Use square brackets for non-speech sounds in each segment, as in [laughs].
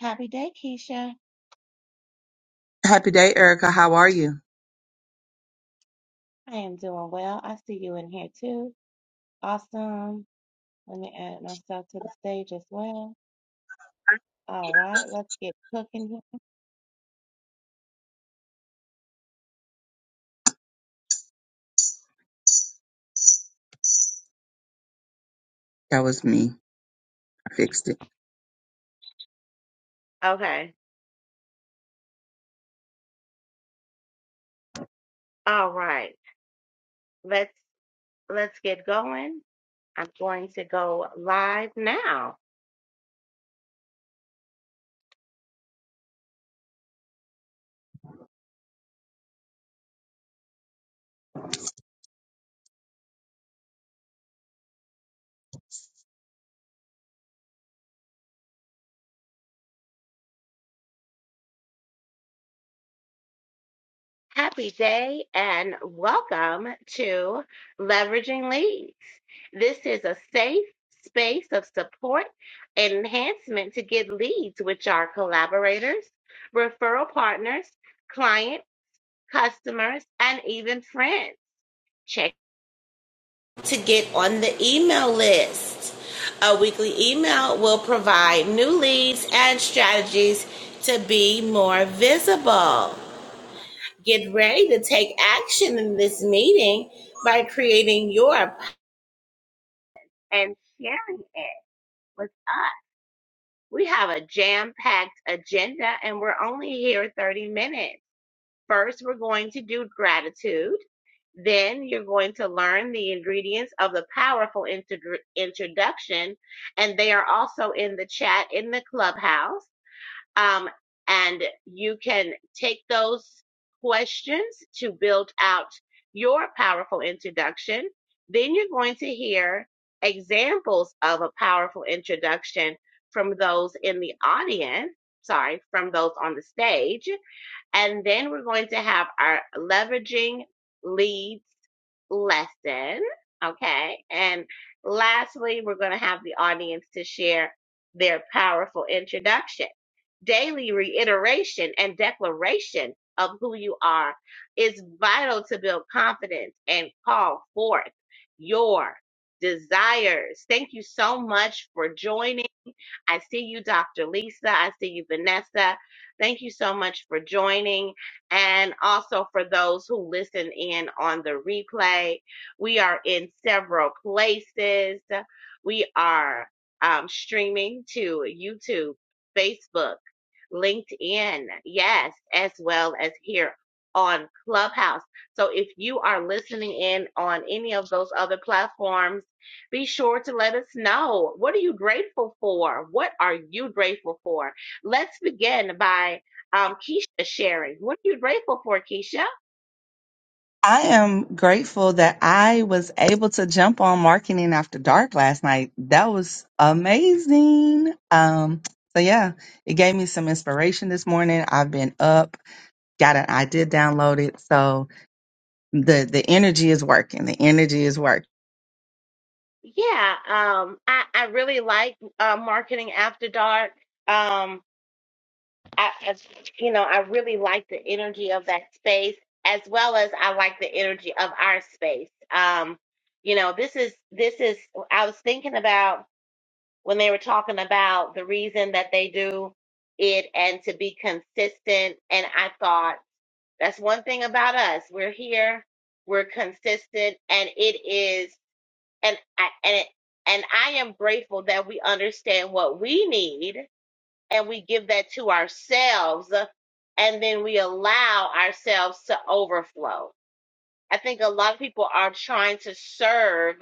Happy day, Keisha. Happy day, Erica. How are you? I am doing well. I see you in here too. Awesome. Let me add myself to the stage as well. All right, let's get cooking. here. That was me. I fixed it. Okay. All right. Let's let's get going. I'm going to go live now. Happy day and welcome to Leveraging Leads. This is a safe space of support and enhancement to get leads, which are collaborators, referral partners, client, customers, and even friends. Check to get on the email list. A weekly email will provide new leads and strategies to be more visible. Get ready to take action in this meeting by creating your and sharing it with us. We have a jam packed agenda and we're only here 30 minutes. First, we're going to do gratitude. Then you're going to learn the ingredients of the powerful intro- introduction, and they are also in the chat in the clubhouse. Um, and you can take those questions to build out your powerful introduction. Then you're going to hear examples of a powerful introduction from those in the audience, sorry, from those on the stage. And then we're going to have our leveraging leads lesson. Okay. And lastly, we're going to have the audience to share their powerful introduction. Daily reiteration and declaration of who you are is vital to build confidence and call forth your desires. Thank you so much for joining. I see you, Dr. Lisa. I see you, Vanessa. Thank you so much for joining. And also for those who listen in on the replay, we are in several places. We are um, streaming to YouTube, Facebook, LinkedIn, yes, as well as here on Clubhouse. So if you are listening in on any of those other platforms, be sure to let us know what are you grateful for what are you grateful for let's begin by um, keisha sharing what are you grateful for keisha I am grateful that I was able to jump on marketing after dark last night. That was amazing. Um, so yeah, it gave me some inspiration this morning. I've been up, got an idea downloaded. So the the energy is working. The energy is working. yeah um, I, I really like uh, marketing after dark um, I, as- you know i really like the energy of that space as well as i like the energy of our space um, you know this is this is i was thinking about when they were talking about the reason that they do it and to be consistent. And I thought that's one thing about us. We're here, we're consistent, and it is, and I, and it, and I am grateful that we understand what we need and we give that to ourselves and then we allow ourselves to overflow I think a lot of people are trying to serve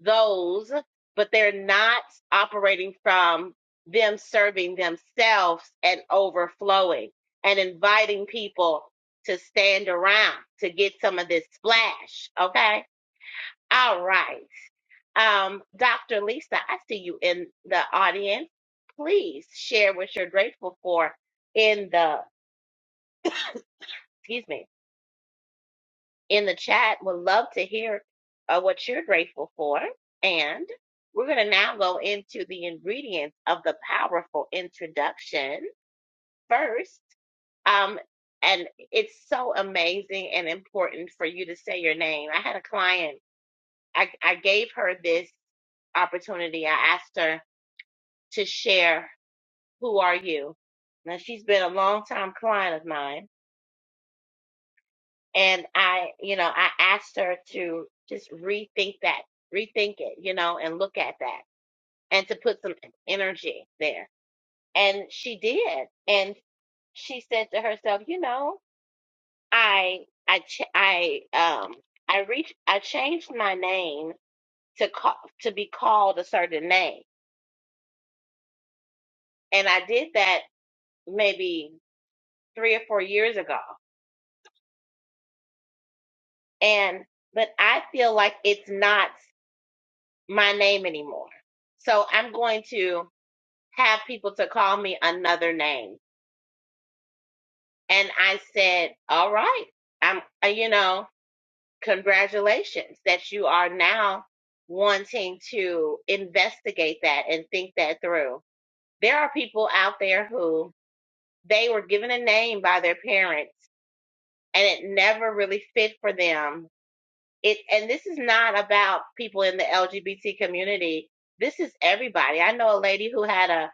those, but they're not operating from them serving themselves and overflowing and inviting people to stand around to get some of this splash. Okay. All right. Um, Dr. Lisa, I see you in the audience. Please share what you're grateful for in the, excuse me, in the chat. Would love to hear uh, what you're grateful for. And we're going to now go into the ingredients of the powerful introduction first. Um, and it's so amazing and important for you to say your name. I had a client, I, I gave her this opportunity. I asked her to share, Who are you? Now, she's been a long time client of mine and I, you know, I asked her to just rethink that, rethink it, you know, and look at that and to put some energy there. And she did. And she said to herself, you know, I, I, ch- I, um, I reached, I changed my name to call, to be called a certain name. And I did that maybe three or four years ago. And, but I feel like it's not my name anymore. So I'm going to have people to call me another name. And I said, all right, I'm, uh, you know, congratulations that you are now wanting to investigate that and think that through. There are people out there who they were given a name by their parents and it never really fit for them. It, and this is not about people in the LGBT community. This is everybody. I know a lady who had a,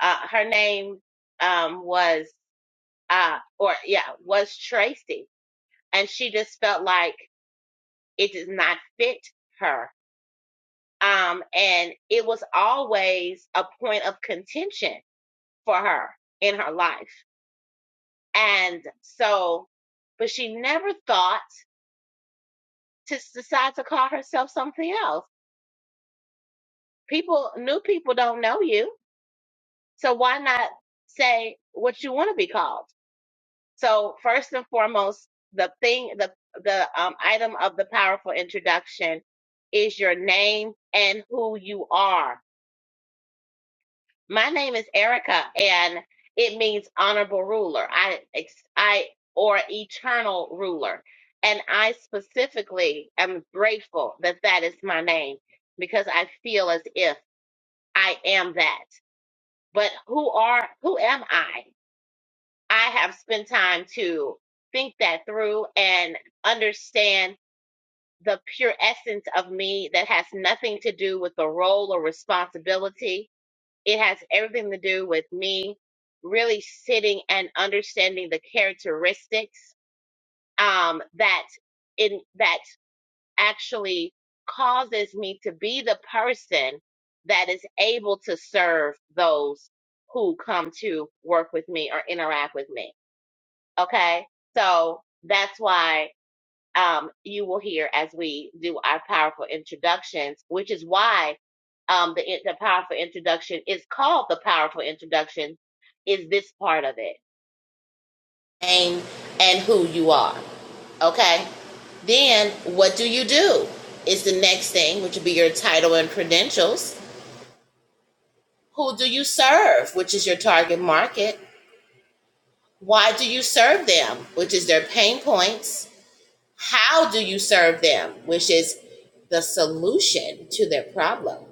uh, her name um, was uh, or yeah, was Tracy, and she just felt like it did not fit her. Um, and it was always a point of contention for her in her life. And so, but she never thought to decide to call herself something else. People, new people don't know you. So why not say what you want to be called? So first and foremost, the thing, the the um, item of the powerful introduction is your name and who you are. My name is Erica, and it means honorable ruler. I ex- I or eternal ruler, and I specifically am grateful that that is my name because I feel as if I am that. But who are who am I? I have spent time to think that through and understand the pure essence of me that has nothing to do with the role or responsibility. It has everything to do with me really sitting and understanding the characteristics um, that in that actually causes me to be the person that is able to serve those who come to work with me or interact with me Okay. So that's why um, you will hear as we do our powerful introductions, which is why um, the, the powerful introduction is called the powerful introduction, is this part of it. Name and who you are. Okay. Then what do you do? Is the next thing, which would be your title and credentials. Who do you serve, which is your target market? Why do you serve them, which is their pain points? How do you serve them? Which is the solution to their problem.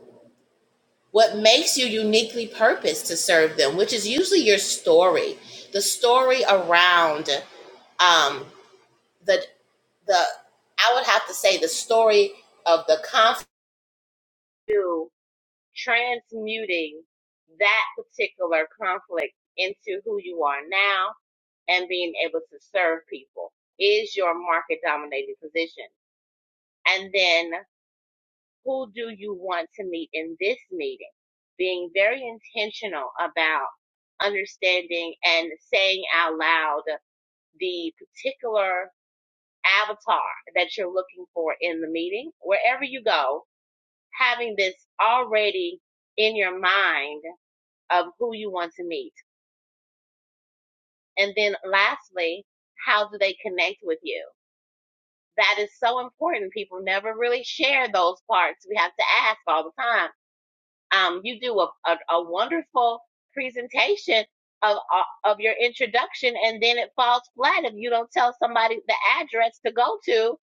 What makes you uniquely purposed to serve them, which is usually your story, the story around um, the the I would have to say the story of the conflict transmuting that particular conflict into who you are now and being able to serve people is your market dominating position. And then who do you want to meet in this meeting? Being very intentional about understanding and saying out loud the particular avatar that you're looking for in the meeting, wherever you go, having this already in your mind of who you want to meet. And then lastly, how do they connect with you? That is so important. People never really share those parts. We have to ask all the time um, you do a, a, a wonderful presentation of uh, of your introduction, and then it falls flat if you don't tell somebody the address to go to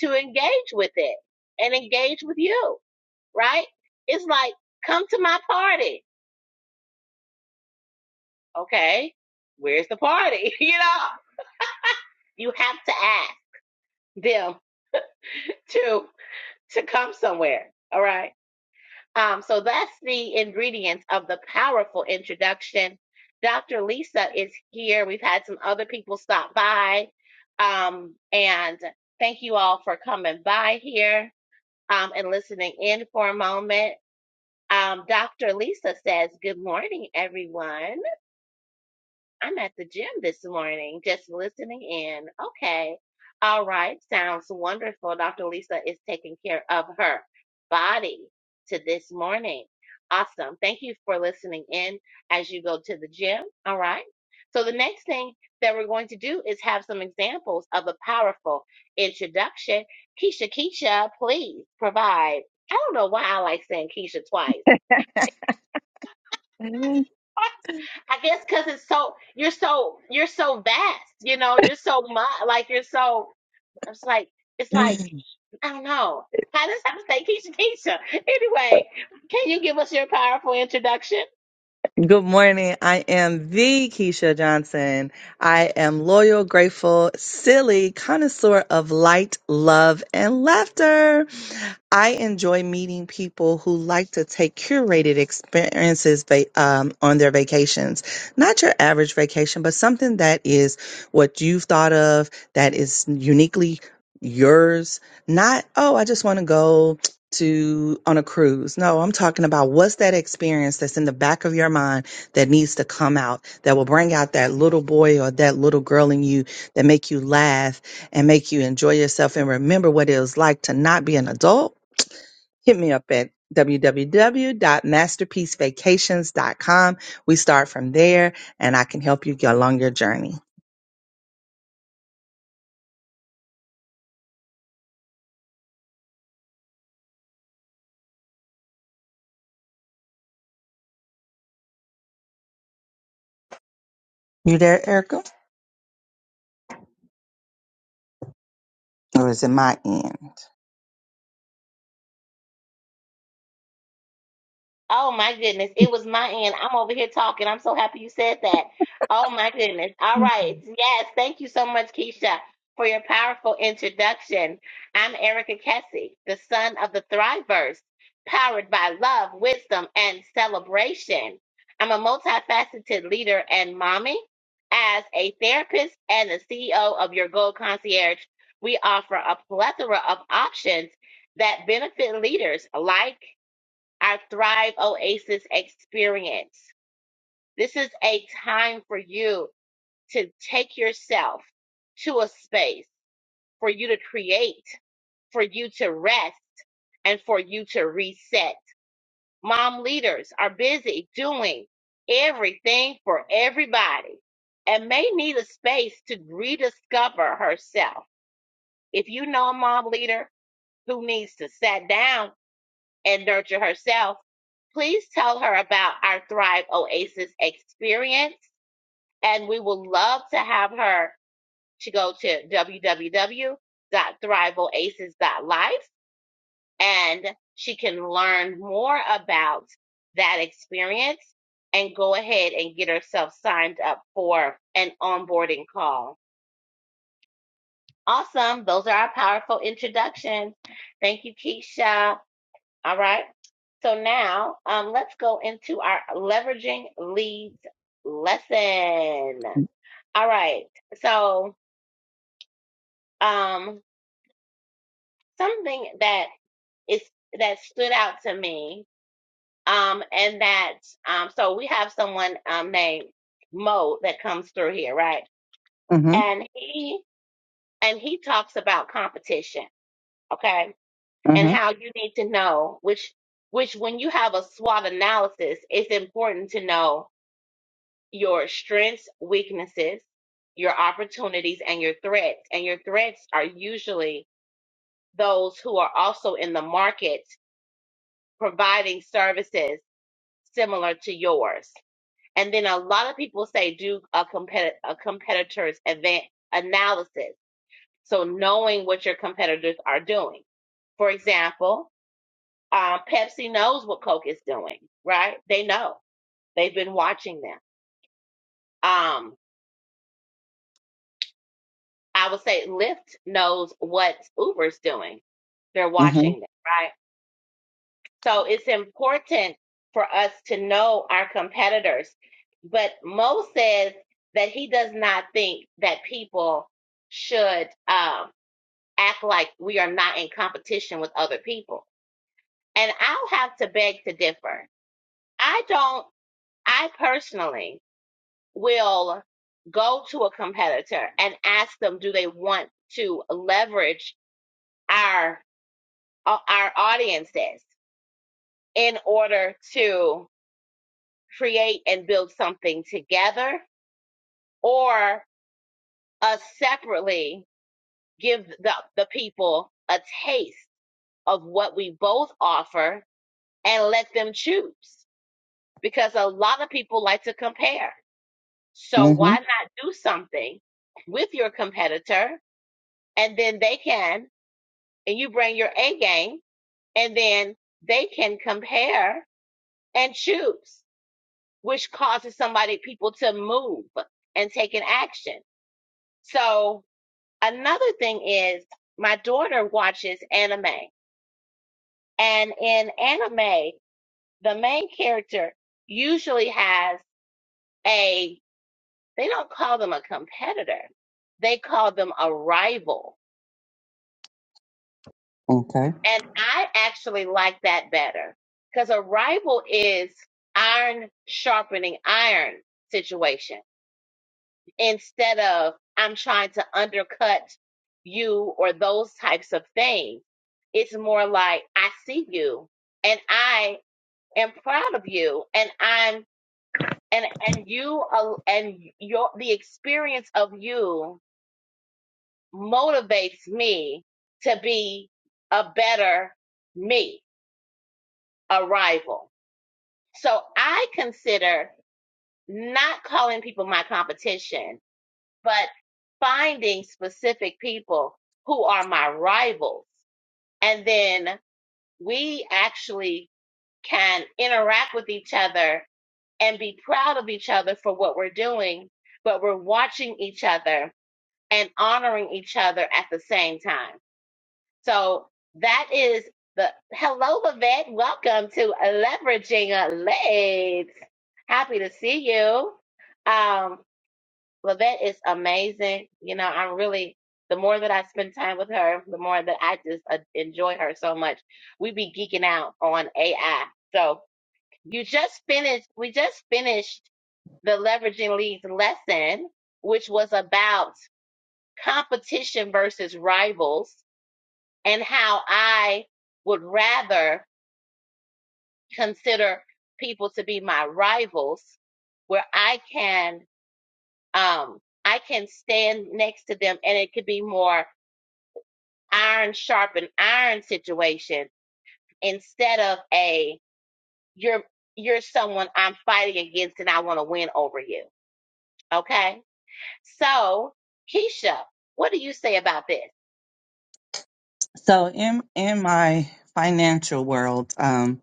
to engage with it and engage with you. Right? It's like come to my party. Okay, where's the party? [laughs] You know, you have to ask them to to come somewhere. All right Um, so that's the ingredients of the powerful introduction. Dr. Lisa is here. We've had some other people stop by. Um, and thank you all for coming by here um, and listening in for a moment. Um, Dr. Lisa says, Good morning, everyone. I'm at the gym this morning, just listening in. Okay. All right. Sounds wonderful. Dr. Lisa is taking care of her body to this morning. Awesome. Thank you for listening in as you go to the gym. All right. So the next thing that we're going to do is have some examples of a powerful introduction. Keisha, Keisha, please provide. I don't know why I like saying Keisha twice. [laughs] I guess because it's so you're so you're so vast, you know, you're so much like you're so. It's like, it's like I don't know. How does I say, Keisha? Keisha. [laughs] Anyway, can you give us your powerful introduction? Good morning. I am the Keisha Johnson. I am loyal, grateful, silly, connoisseur of light, love, and laughter. I enjoy meeting people who like to take curated experiences va- um, on their vacations. Not your average vacation, but something that is what you've thought of, that is uniquely yours. Not, oh, I just want to go to on a cruise. No, I'm talking about what's that experience that's in the back of your mind that needs to come out that will bring out that little boy or that little girl in you that make you laugh and make you enjoy yourself and remember what it was like to not be an adult. Hit me up at www.masterpiecevacations.com. We start from there and I can help you get along your journey. You there, Erica? Or is it my end? Oh my goodness, it was my end. I'm over here talking. I'm so happy you said that. Oh my goodness. All right. Yes, thank you so much, Keisha, for your powerful introduction. I'm Erica Kessie, the son of the Thriverse, powered by love, wisdom, and celebration. I'm a multifaceted leader and mommy. As a therapist and the CEO of Your Gold Concierge, we offer a plethora of options that benefit leaders like our Thrive Oasis experience. This is a time for you to take yourself to a space for you to create, for you to rest, and for you to reset. Mom leaders are busy doing everything for everybody and may need a space to rediscover herself. If you know a mom leader who needs to sit down and nurture herself, please tell her about our Thrive Oasis experience, and we would love to have her to go to w w w dot thrive oasis dot Life, and she can learn more about that experience and go ahead and get herself signed up for an onboarding call. Awesome. Those are our powerful introductions. Thank you, Keisha. All right. So now um, let's go into our leveraging leads lesson. All right. So um, something that is that stood out to me, um, and that um, so we have someone um, named Mo that comes through here, right? Mm-hmm. And he and he talks about competition, okay, and Mm-hmm. how you need to know which which when you have a SWOT analysis, it's important to know your strengths, weaknesses, your opportunities, and your threats. And your threats are usually those who are also in the market providing services similar to yours. And then a lot of people say do a, compet- a competitor's event analysis. So knowing what your competitors are doing. For example, uh, Pepsi knows what Coke is doing, right? They know. They've been watching them. Um, I would say Lyft knows what Uber's doing. They're Mm-hmm. watching them, right? So it's important for us to know our competitors. But Mo says that he does not think that people should um, act like we are not in competition with other people. And I'll have to beg to differ. I don't, I personally will go to a competitor and ask them, do they want to leverage our uh, our audiences in order to create and build something together or us separately give the, the people a taste of what we both offer and let them choose because a lot of people like to compare so Mm-hmm. why not do something with your competitor and then they can and you bring your a game and then they can compare and choose which causes somebody people to move and take an action. So another thing is my daughter watches anime and in anime the main character usually has a they don't call them a competitor. They call them a rival. Okay. And I actually like that better because a rival is iron sharpening iron situation. instead of I'm trying to undercut you or those types of things. It's more like I see you and I am proud of you and I'm and and you al- and your the experience of you motivates me to be a better me, a rival. So I consider not calling people my competition but finding specific people who are my rivals. And then we actually can interact with each other and be proud of each other for what we're doing, but we're watching each other and honoring each other at the same time. So that is the hello, Vivette. Welcome to Leveraging Legs. Happy to see you. Um, Lavette is amazing. You know, I'm really the more that I spend time with her, the more that I just uh, enjoy her so much. We be geeking out on AI. So you just finished. We just finished the leveraging leads lesson, which was about competition versus rivals and how I would rather consider people to be my rivals where I can um, I can stand next to them and it could be more iron sharpen iron situation instead of a you're you're someone I'm fighting against and I want to win over you. Okay? So, Keisha, what do you say about this? So in in my financial world, um,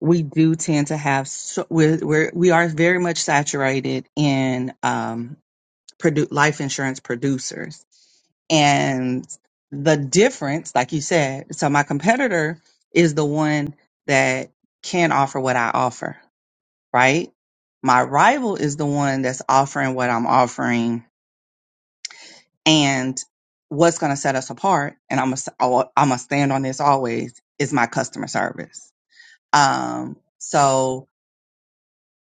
we do tend to have so, we're, we're we are very much saturated in um, produ- life insurance producers, and the difference, like you said, so my competitor is the one that can offer what I offer, right? My rival is the one that's offering what I'm offering And what's going to set us apart, and I'm gonna, I'm gonna stand on this always, is my customer service. Um, so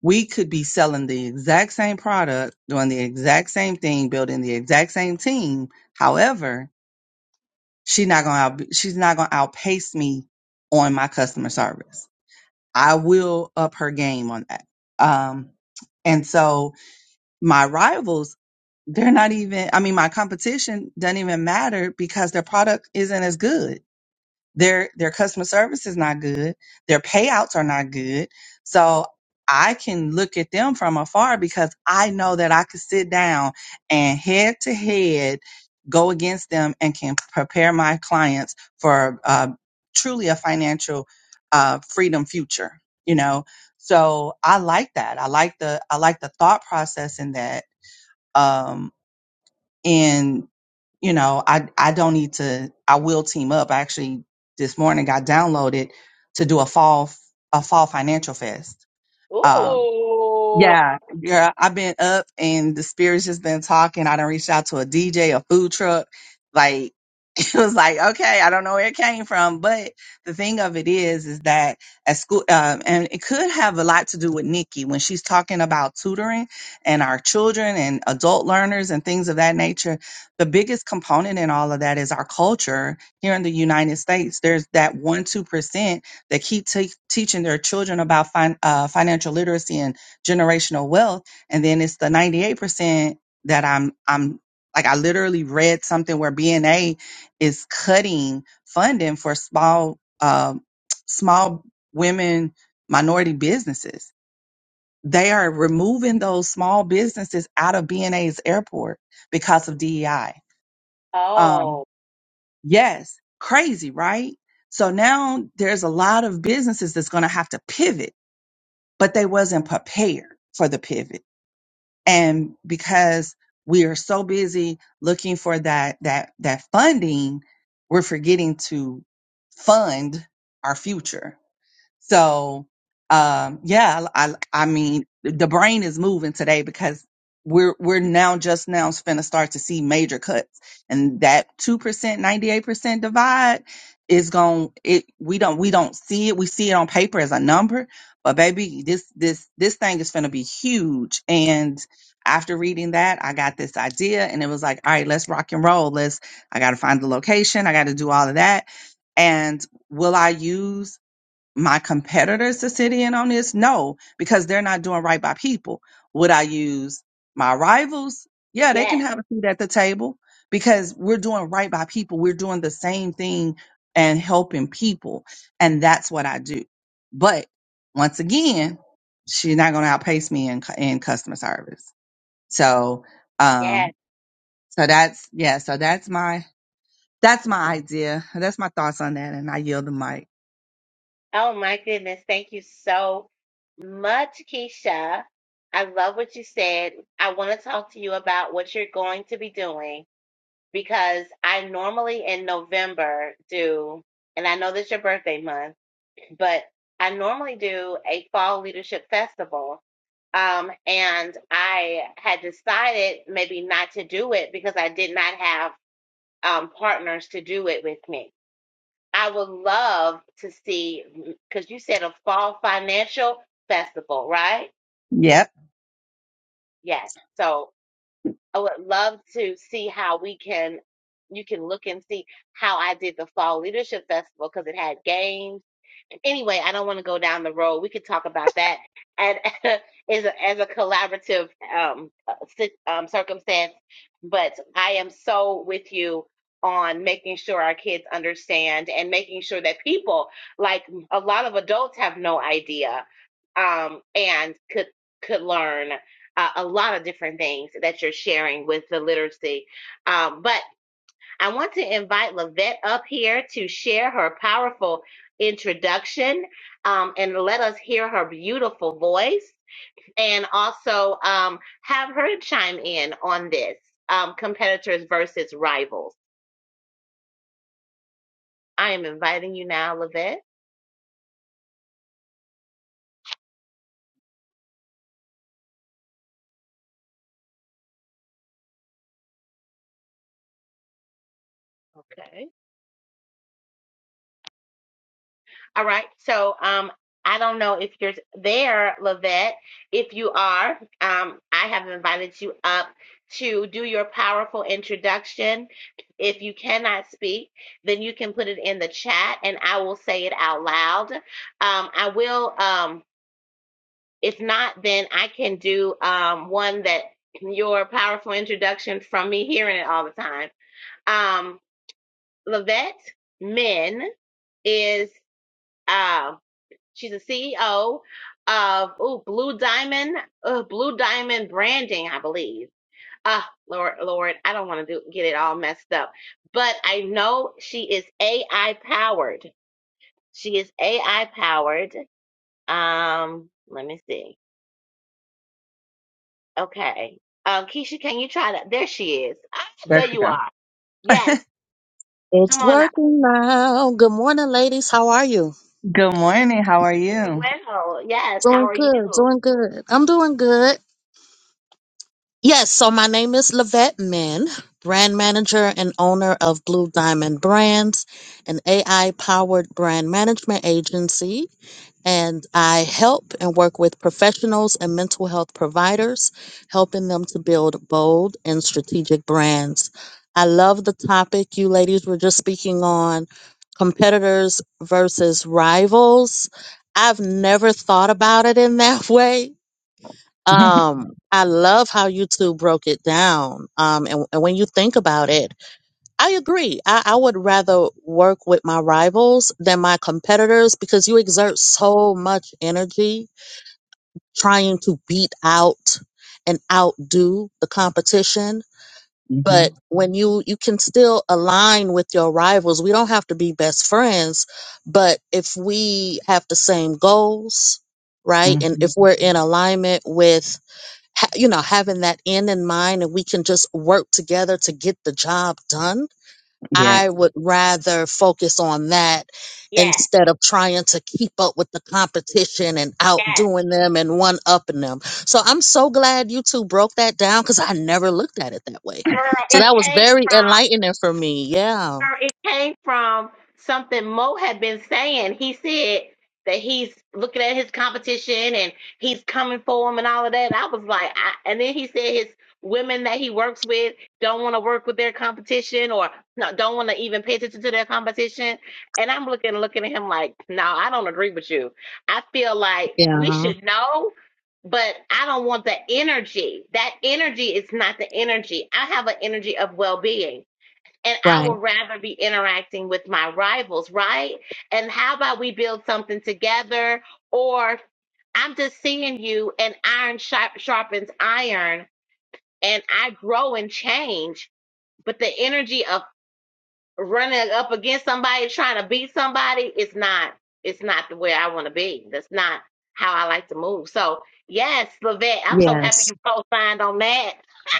we could be selling the exact same product, doing the exact same thing, building the exact same team. However, she's not gonna, out, she's not gonna outpace me on my customer service. I will up her game on that. Um, and so my rivals they're not even i mean my competition doesn't even matter because their product isn't as good their their customer service is not good their payouts are not good so i can look at them from afar because i know that i could sit down and head to head go against them and can prepare my clients for uh, truly a financial uh, freedom future you know so i like that i like the i like the thought process in that Um, and you know i i don't need to i will team up I actually this morning got downloaded to do a fall a fall financial fest Um, Ooh. yeah, girl, I've been up and the spirit's just been talking. I done reached out to a DJ, a food truck. Like, [laughs] it was like, okay, I don't know where it came from. But the thing of it is, is that at school, um, and it could have a lot to do with Nikki when she's talking about tutoring and our children and adult learners and things of that nature. The biggest component in all of that is our culture here in the United States. There's that one, 2% that keep te- teaching their children about fin- uh, financial literacy and generational wealth and then it's the 98% that i'm i'm like i literally read something where bna is cutting funding for small um small women minority businesses they are removing those small businesses out of bna's airport because of dei um Oh, yes crazy right so now there's a lot of businesses that's going to have to pivot but they wasn't prepared for the pivot and because we are so busy looking for that that that funding we're forgetting to fund our future so, um, yeah, I, I, mean, the brain is moving today because we're we're now just now finna start to see major cuts, and that two percent, ninety eight percent divide is going it. We don't we don't see it. We see it on paper as a number, but baby, this this this thing is finna be huge. And after reading that, I got this idea, and it was like, all right, let's rock and roll. Let's. I got to find the location. I got to do all of that. And will I use my competitors to sit in on this? No, because they're not doing right by people. Would I use my rivals? Yeah, they can yes, have a seat at the table because we're doing right by people. We're doing the same thing and helping people. And that's what I do. But once again, she's not going to outpace me in, cu- in customer service. So, yes. um, so that's, yeah, so that's my, that's my idea. That's my thoughts on that. And I yield the mic. Oh my goodness. Thank you so much, Keisha. I love what you said. I want to talk to you about what you're going to be doing because I normally in November do, and I know that's your birthday month, but I normally do a fall leadership festival. Um, and I had decided maybe not to do it because I did not have um, partners to do it with me. I would love to see, because you said a fall financial festival, right? Yep. Yes. so. I would love to see how we can you can look and see how I did the fall leadership festival because it had games anyway, I don't want to go down the road. We could talk about that and [laughs] as a, as a collaborative um, uh, si- um, circumstance. But I am so with you on making sure our kids understand and making sure that people, like a lot of adults, have no idea um, and could could learn uh, a lot of different things that you're sharing with the literacy. Um, but I want to invite Lavette up here to share her powerful introduction um, and let us hear her beautiful voice and also um, have her chime in on this um, competitors versus rivals. I am inviting you now, Lavette. Okay. All right. So um I don't know if you're there, Lavette. If you are, um, I have invited you up to do your powerful introduction. If you cannot speak, then you can put it in the chat and I will say it out loud. Um, I will um if not, then I can do um one that your powerful introduction from me hearing it all the time. Um Lavette Men is um She's a CEO of ooh, Blue Diamond, uh, Blue Diamond Branding, I believe. Ah, Lord, Lord, I don't want to do get it all messed up, but I know she is AI powered. She is AI powered. Um, let me see. Okay, um, Keisha, can you try that? There she is. Ah, there There she you go. are. [laughs] Yes, come It's on up. working now. Good morning, ladies. How are you? Good morning. How are you? Well, yes. How Doing are you? good. Doing good. I'm doing good. Yes, so my name is Lavette Min, brand manager and owner of Blue Diamond Brands, an AI powered brand management agency. And I help and work with professionals and mental health providers, helping them to build bold and strategic brands. I love the topic you ladies were just speaking on competitors versus rivals. I've never thought about it in that way [laughs] um, I love how you two broke it down. Um, and, and when you think about it, I agree. I, I would rather work with my rivals than my competitors because you exert so much energy trying to beat out and outdo the competition. hmm But when you, you can still align with your rivals, we don't have to be best friends. But if we have the same goals, right? hmm And if we're in alignment with ha- you know having that end in mind and we can just work together to get the job done i Yes. would rather focus on that Yes, instead of trying to keep up with the competition and yes, outdoing them and one upping them so i'm so glad you two broke that down because i never looked at it that way girl. so [laughs] It that was came very from. enlightening for me yeah Or it came from something Mo had been saying. He said that he's looking at his competition and he's coming for him and all of that. I was like, I, and then he said his women that he works with don't want to work with their competition or no, don't want to even pay attention to their competition. And I'm looking, looking at him like, no, I don't agree with you. I feel like we yeah should know, but I don't want the energy. That energy is not the energy. I have an energy of well being and I right would rather be interacting with my rivals, right? And how about we build something together? Or I'm just seeing you, and iron sharp, sharpens iron, and I grow and change. But the energy of running up against somebody, trying to beat somebody, is not. It's not the way I want to be. That's not how I like to move. So yes, Levette, I'm so happy yes you co-signed on that.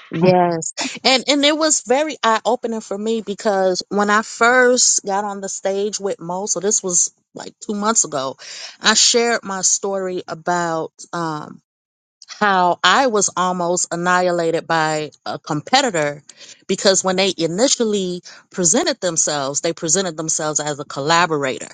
Yes. And and it was very eye-opening for me because when I first got on the stage with Mo, so this was like two months ago, I shared my story about um how I was almost annihilated by a competitor because when they initially presented themselves, they presented themselves as a collaborator,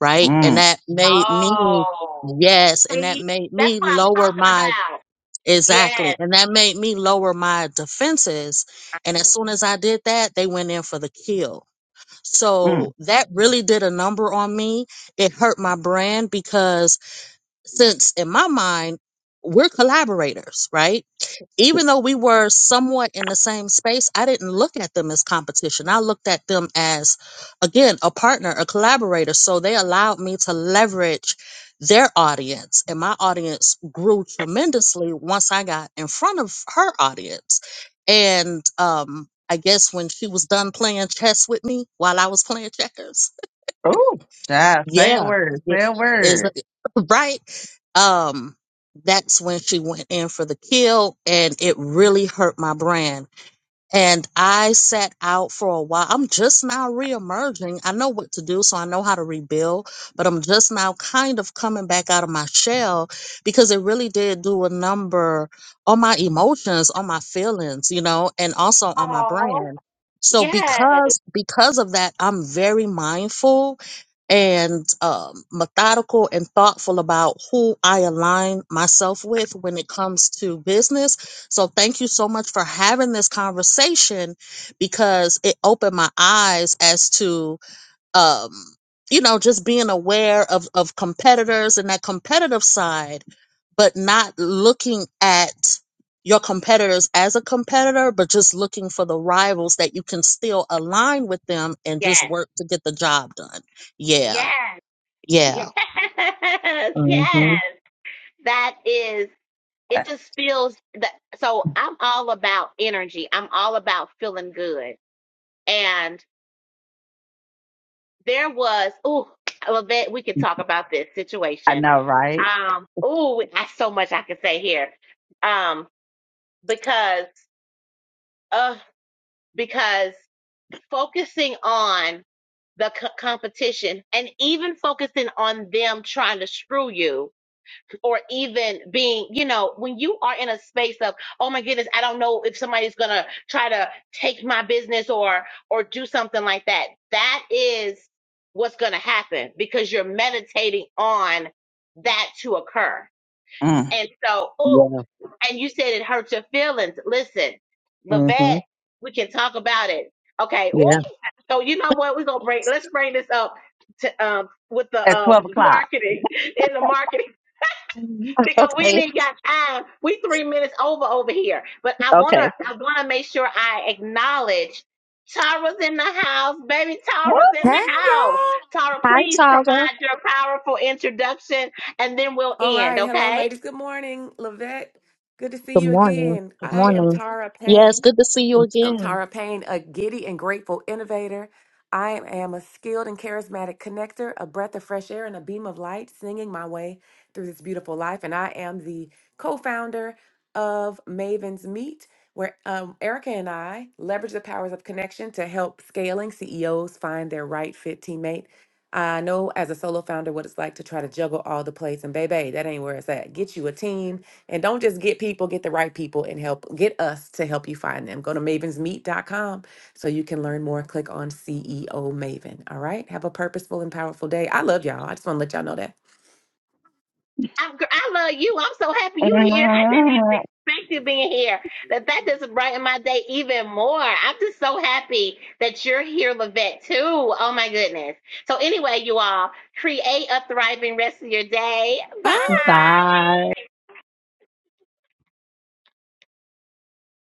right? And Mm, that made me, Oh, yes, and that see, made that's me what I'm lower talking my about. Exactly. Yes. And that made me lower my defenses. And as Mm-hmm. soon as I did that, they went in for the kill. So mm. that really did a number on me. It hurt my brand because since in my mind we're collaborators right even though we were somewhat in the same space i didn't look at them as competition i looked at them as again a partner a collaborator so they allowed me to leverage their audience and my audience grew tremendously once i got in front of her audience and um i guess when she was done playing chess with me while i was playing checkers Oh, child, say a yeah, word. it Say a is word. [clears throat] [laughs] right. Um, that's when she went in for the kill, and it really hurt my brand and I sat out for a while. I'm just now reemerging. I know what to do, so I know how to rebuild, but I'm just now kind of coming back out of my shell because it really did do a number on my emotions, on my feelings, you know, and also on my Oh. brand. So Yes. because because of that, I'm very mindful and um, methodical and thoughtful about who I align myself with when it comes to business so thank you so much for having this conversation because it opened my eyes as to um you know just being aware of of competitors and that competitive side but not looking at your competitors as a competitor but just looking for the rivals that you can still align with them and just Yes. work to get the job done. Yeah. Yes. [laughs] Yeah. Yes. Mhm. Yes. That is it just feels that so I'm all about energy. I'm all about feeling good. And there was oh Lavette, we could talk about this I situation. know, right? Um, oh, I so much I could say here. Um, because uh, because focusing on the co- competition and even focusing on them trying to screw you or even being, you know, when you are in a space of, oh my goodness, I don't know if somebody's going to try to take my business or, or do something like that. That is what's going to happen because you're meditating on that to occur. Mm. And so, ooh, Yeah. and you said it hurt your feelings. Listen, Mhm. Levette, we can talk about it. Okay. Ooh. Yeah. So you know what? We're gonna bring let's bring this up to um with the At uh 12 [laughs] o'clock. marketing in the marketing [laughs] because we Okay. ain't got time. We three minutes over over here. But I wanna Okay. I wanna make sure I acknowledge Tara's in the house, baby. Woo! Tara's [laughs] in Hey the house. y'all. Tara, Hi please provide Tyra. your powerful introduction and then we'll All end, right. Hello, okay? ladies. Good morning. Lavette. Good to see Good you morning. again. Good I am morning. Tara Payne. Yes, good to see you I'm again. Tara Payne, a giddy and grateful innovator. I am a skilled and charismatic connector, a breath of fresh air, and a beam of light, singing my way through this beautiful life. And I am the co founder of Maven's Meet, where um, Erica and I leverage the powers of connection to help scaling CEOs find their right fit teammate. I know as a solo founder what it's like to try to juggle all the plates, and baby, that ain't where it's at. Get you a team and don't just get people, get the right people and help get us to help you find them. Go to mavensmeet.com so you can learn more. Click on CEO Maven. All right. Have a purposeful and powerful day. I love y'all. I just want to let y'all know that. I, gr- I love you. I'm so happy you here. I didn't even expect you being here. That that just brightened my day even more. I'm just so happy that you're here, Levette, too. Oh my goodness. So anyway, you all create a thriving rest of your day. Mm, Um, Bye. Bye.